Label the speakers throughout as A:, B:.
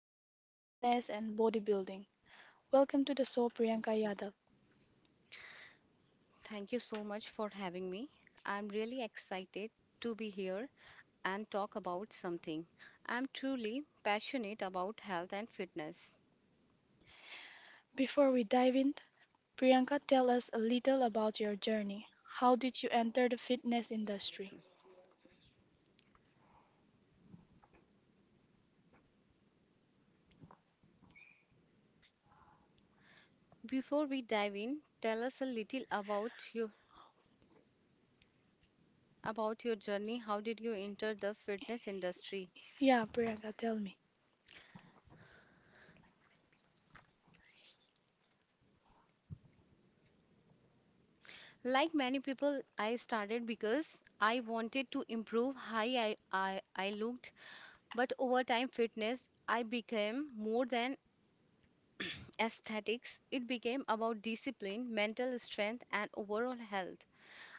A: in fitness and bodybuilding. Welcome to the show Priyanka Yadav.
B: Thank you so much for having me. I'm really excited to be here and talk about something I'm truly passionate about health and fitness.
A: Before we dive in, Priyanka tell us a little about your journey. How did you enter the fitness industry?
B: Before we dive in, tell us a little about you about your journey. How did you enter the fitness industry?
A: Yeah, Priyanka, tell me.
B: Like many people, I started because I wanted to improve how I looked, but over time fitness I became more than aesthetics, it became about discipline, mental strength, and overall health.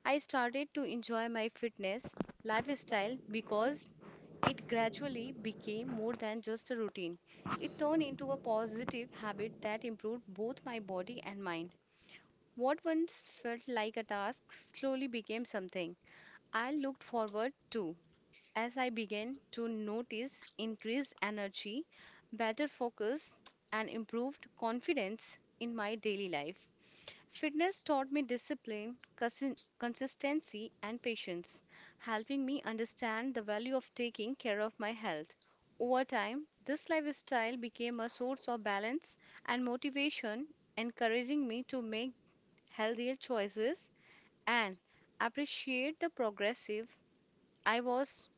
B: I started to enjoy my fitness lifestyle because it gradually became more than just a routine. It turned into a positive habit that improved both my body and mind. What once felt like a task slowly became something I looked forward to as I began to notice increased energy, better focus, and improved confidence in my daily life. Fitness taught me discipline, consistency, and patience, helping me understand the value of taking care of my health. Over time, this lifestyle became a source of balance and motivation, encouraging me to make healthier choices and appreciate the progressive I was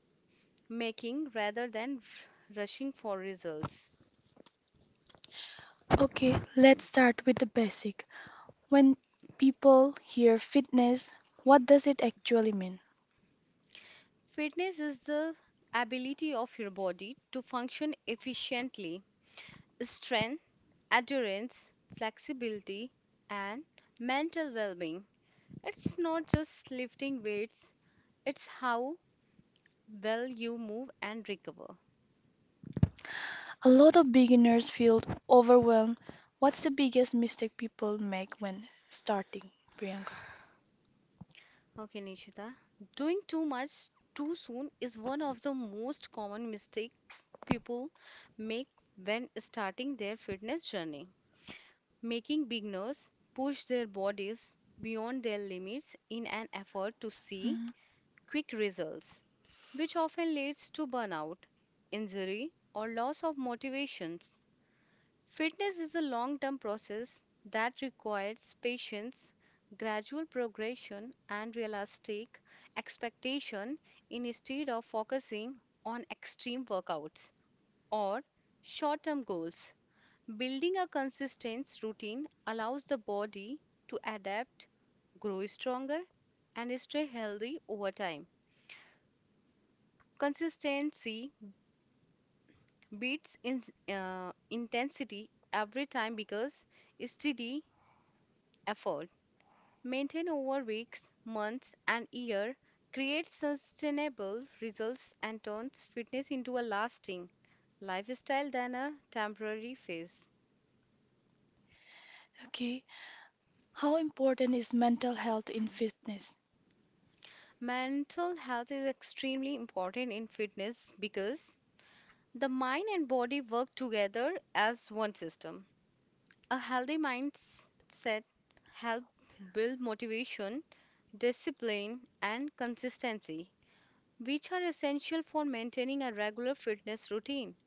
B: making rather than rushing for results.
A: Okay,
B: Mm.
A: let's start with the basic. When people hear fitness, what does it actually mean?
B: Fitness is the ability of your body to function efficiently. Strength, endurance, flexibility, and mental well being. It's not just lifting weights, it's how well you move and recover.
A: A lot of beginners feel overwhelmed. What's the biggest mistake people make when starting, Priyanka?
B: Okay, Nishita. Doing too much too soon is one of the most common mistakes people make when starting their fitness journey. Making beginners push their bodies beyond their limits in an effort to see
A: Mm,
B: quick results, which often leads to burnout, injury, or loss of motivations. Fitness is a long term process that requires patience, gradual progression, and realistic expectation instead of focusing on extreme workouts or short term goals. Building a consistent routine allows the body to adapt, grow stronger, and stay healthy over time. Consistency beats intensity every time because steady effort maintained over weeks, months, and year creates sustainable results and turns fitness into a lasting lifestyle than a temporary phase.
A: okay, how important is mental health in fitness?
B: Mental health is extremely important in fitness because the mind and body work together as one system. A healthy mindset helps build motivation, discipline, and consistency, which are essential for maintaining a regular fitness routine.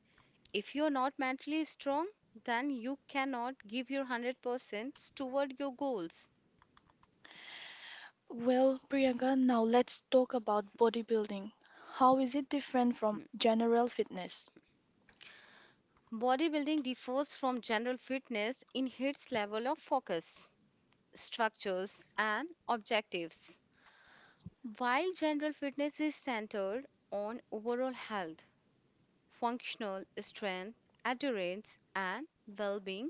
B: If you're not mentally strong, then you cannot give your 100% toward your goals.
A: Well, Priyanka, now let's talk about bodybuilding. How is it different from
B: Hmm.
A: general fitness?
B: Bodybuilding differs from general fitness in its level of focus, structures, and objectives. While general fitness is centered on overall health, functional strength, endurance, and well being,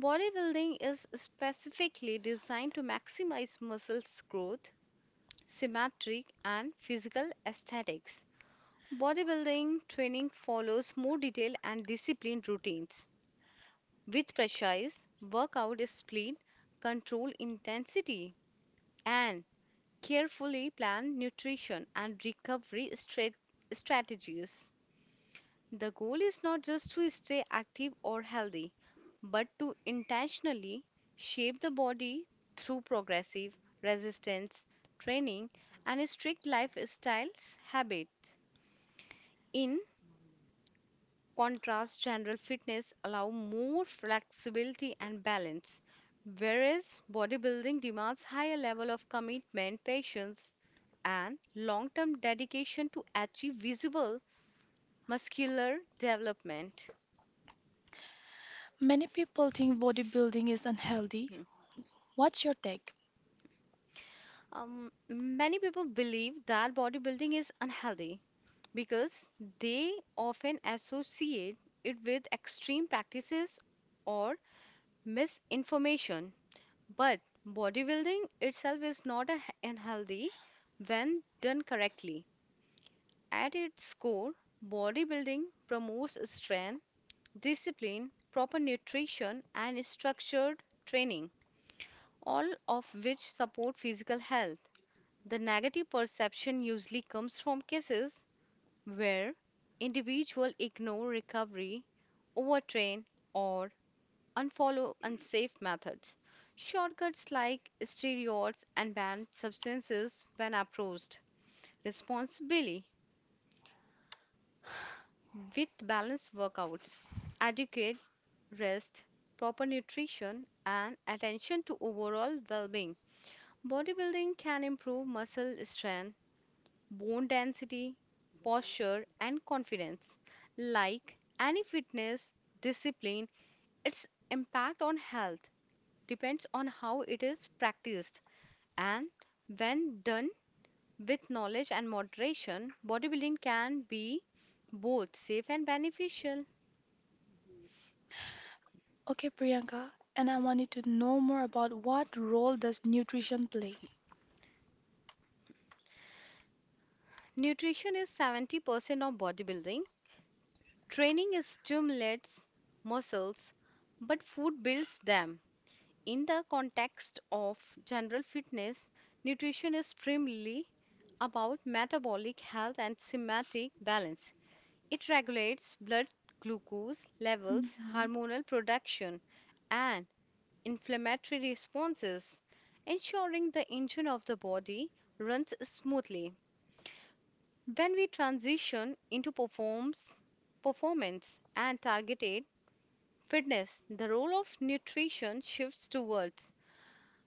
B: bodybuilding is specifically designed to maximize muscles growth, symmetry, and physical aesthetics. Bodybuilding training follows more detailed and disciplined routines with precise workout split, control intensity, and carefully plan nutrition and recovery strategies. The goal is not just to stay active or healthy, but to intentionally shape the body through progressive resistance training and strict lifestyles habits. In contrast, general fitness allow more flexibility and balance, whereas bodybuilding demands higher level of commitment, patience, and long-term dedication to achieve visible muscular development.
A: Many people think bodybuilding is unhealthy.
B: Hmm.
A: What's your take?
B: Many people believe that bodybuilding is unhealthy because they often associate it with extreme practices or misinformation. But bodybuilding itself is not a- unhealthy when done correctly. At its core, bodybuilding promotes strength, discipline, proper nutrition, and structured training, all of which support physical health. The negative perception usually comes from cases where individuals ignore recovery, overtrain, or unfollow unsafe methods. Shortcuts like steroids and banned substances when approached. Responsibly with balanced workouts, adequate rest, proper nutrition, and attention to overall well being. Bodybuilding can improve muscle strength, bone density, posture, and confidence. Like any fitness discipline, its impact on health depends on how it is practiced. And when done with knowledge and moderation, bodybuilding can be both safe and beneficial.
A: Okay, Priyanka, and I wanted to know more about what role does nutrition play?
B: Nutrition is 70% of bodybuilding. Training stimulates muscles, but food builds them. In the context of general fitness, nutrition is primarily about metabolic health and somatic balance. It regulates blood glucose levels,
A: Mhm.
B: hormonal production, and inflammatory responses, ensuring the engine of the body runs smoothly. When we transition into performance and targeted fitness, the role of nutrition shifts towards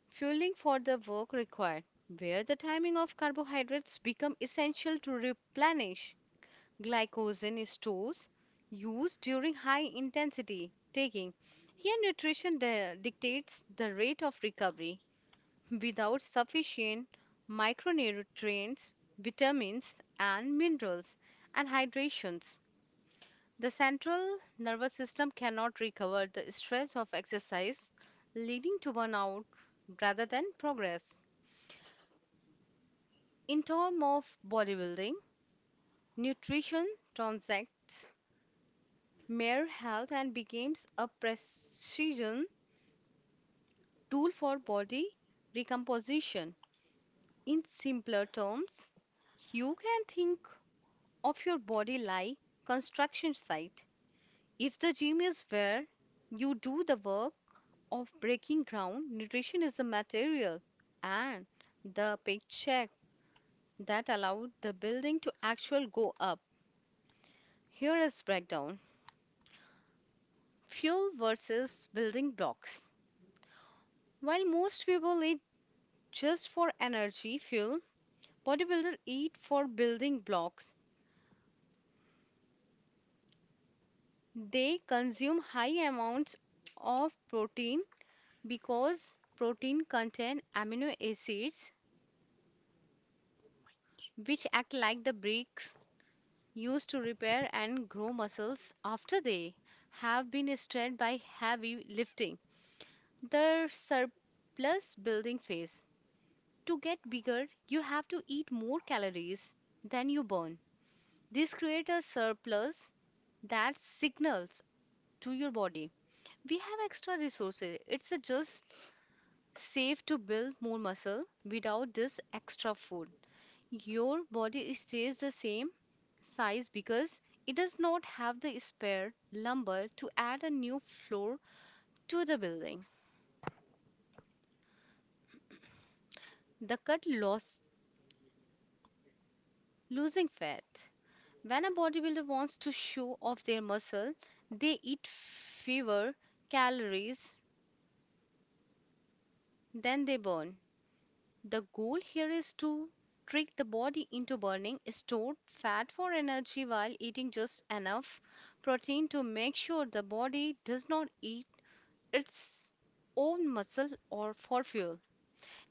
B: fueling for the work required, where the timing of carbohydrates become essential to replenish glycogen stores used during high intensity taking. Here, nutrition dictates the rate of recovery, without sufficient micronutrients, vitamins, and minerals, and hydrations. The central nervous system cannot recover the stress of exercise, leading to burnout rather than progress. In terms of bodybuilding, nutrition transacts mere health and becomes a precision tool for body recomposition. In simpler terms, you can think of your body lie construction site. If the gym is where you do the work of breaking ground, nutrition is the material and the paycheck that allowed the building to actually go up. Here is breakdown. Fuel versus building blocks. While most people eat just for energy fuel, bodybuilders eat for building blocks. They consume high amounts of protein because protein contain amino acids which act like the bricks used to repair and grow muscles after they have been strained by heavy lifting. The surplus building phase. To get bigger, you have to eat more calories than you burn. This creates a surplus that signals to your body we have extra resources. It's just safe to build more muscle without this extra food. Your body stays the same size because it does not have the spare lumber to add a new floor to the building. The cut loss losing fat. When a bodybuilder wants to show off their muscle, they eat fewer calories than they burn. The goal here is to trick the body into burning stored fat for energy while eating just enough protein to make sure the body does not eat its own muscle or for fuel.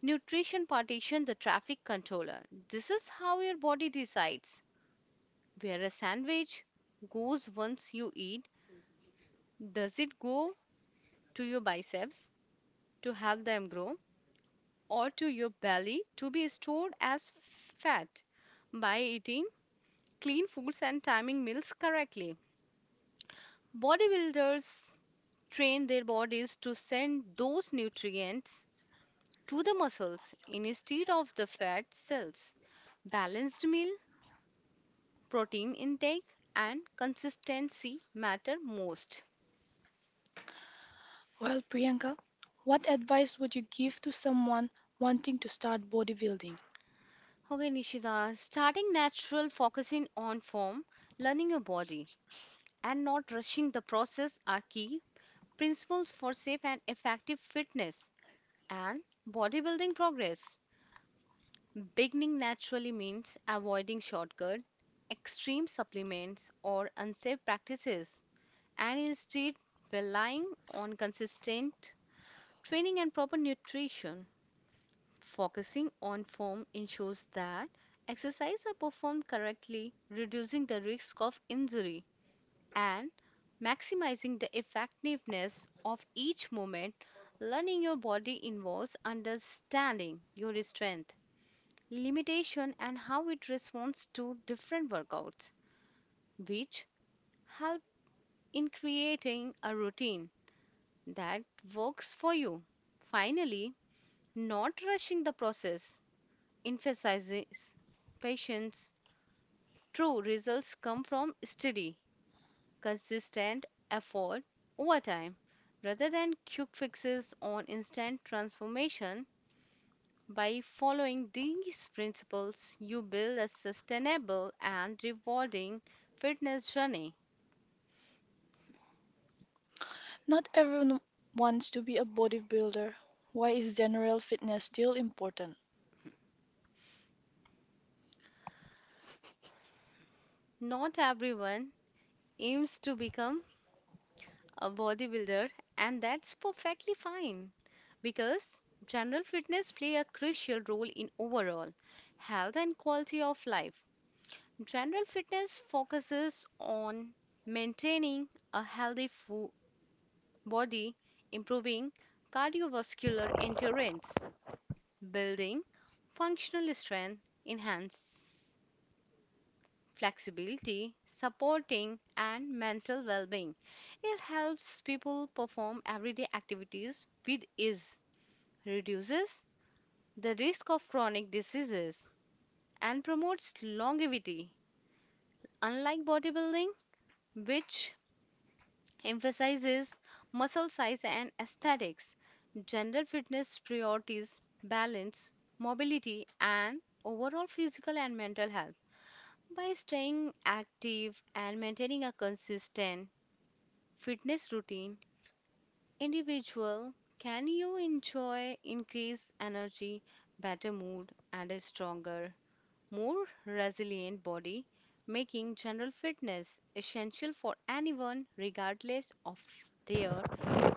B: Nutrition partition, the traffic controller. This is how your body decides where a sandwich goes once you eat. Does it go to your biceps to help them grow or to your belly to be stored as fat? By eating clean foods and timing meals correctly. Bodybuilders train their bodies to send those nutrients to the muscles instead of the fat cells. Balanced meal, protein intake, and consistency matter most.
A: Well, Priyanka, what advice would you give to someone wanting to start bodybuilding?
B: Okay, Nishida, starting natural, focusing on form, learning your body, and not rushing the process are key principles for safe and effective fitness and bodybuilding progress. Beginning naturally means avoiding shortcut, extreme supplements, or unsafe practices. And instead relying on consistent training and proper nutrition. Focusing on form ensures that exercises are performed correctly, reducing the risk of injury and maximizing the effectiveness of each movement. Learning your body involves understanding your strength, limitation, and how it responds to different workouts, which help in creating a routine that works for you. Finally, not rushing the process emphasizes patience. True results come from steady, consistent effort over time rather than quick fixes on instant transformation. By following these principles, you build a sustainable and rewarding fitness journey.
A: Not everyone wants to be a bodybuilder. Why is general fitness still important?
B: Not everyone aims to become a bodybuilder and that's perfectly fine because general fitness play a crucial role in overall health and quality of life. General fitness focuses on maintaining a healthy body, improving cardiovascular endurance, building functional strength, enhance flexibility, supporting, and mental well being. It helps people perform everyday activities with ease, reduces the risk of chronic diseases, and promotes longevity. Unlike bodybuilding, which emphasizes muscle size and aesthetics, gender fitness priorities balance, mobility, and overall physical and mental health. By staying active and maintaining a consistent fitness routine, individual can you enjoy increased energy, better mood and a stronger, more resilient body, making general fitness essential for anyone regardless of their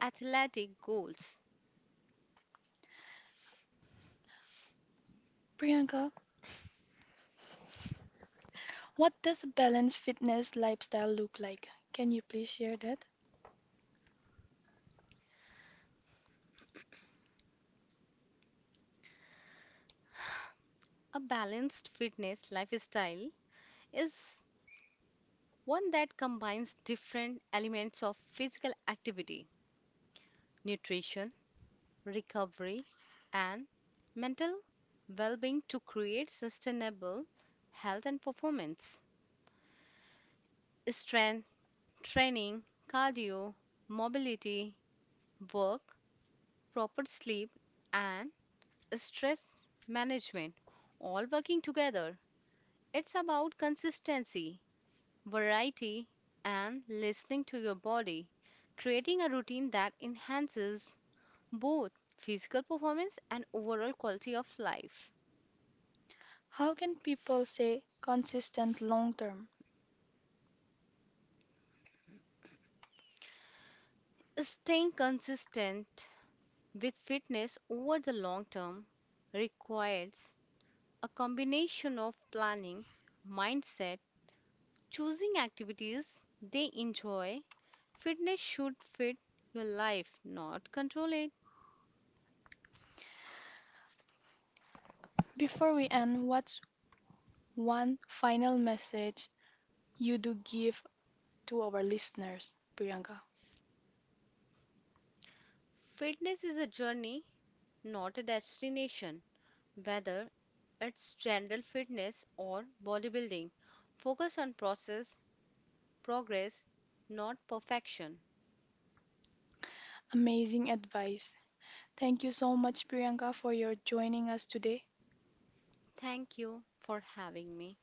B: athletic goals.
A: Priyanka, what does a balanced fitness lifestyle look like? Can you please share that?
B: A balanced fitness lifestyle is one that combines different elements of physical activity, nutrition, recovery, and mental well being to create sustainable health and performance. Strength training, cardio, mobility, work, proper sleep, and stress management all working together. It's about consistency, variety, and listening to your body, creating a routine that enhances both physical performance and overall quality of life.
A: How can people stay consistent long term?
B: Staying consistent with fitness over the long term requires a combination of planning, mindset, choosing activities they enjoy. Fitness should fit your life, not control it.
A: Before we end, what's one final message you do give to our listeners, Priyanka?
B: Fitness is a journey, not a destination. Whether it's general fitness or bodybuilding, focus on process, progress, not perfection.
A: Amazing advice. Thank you so much, Priyanka, for your joining us today.
B: Thank you for having me.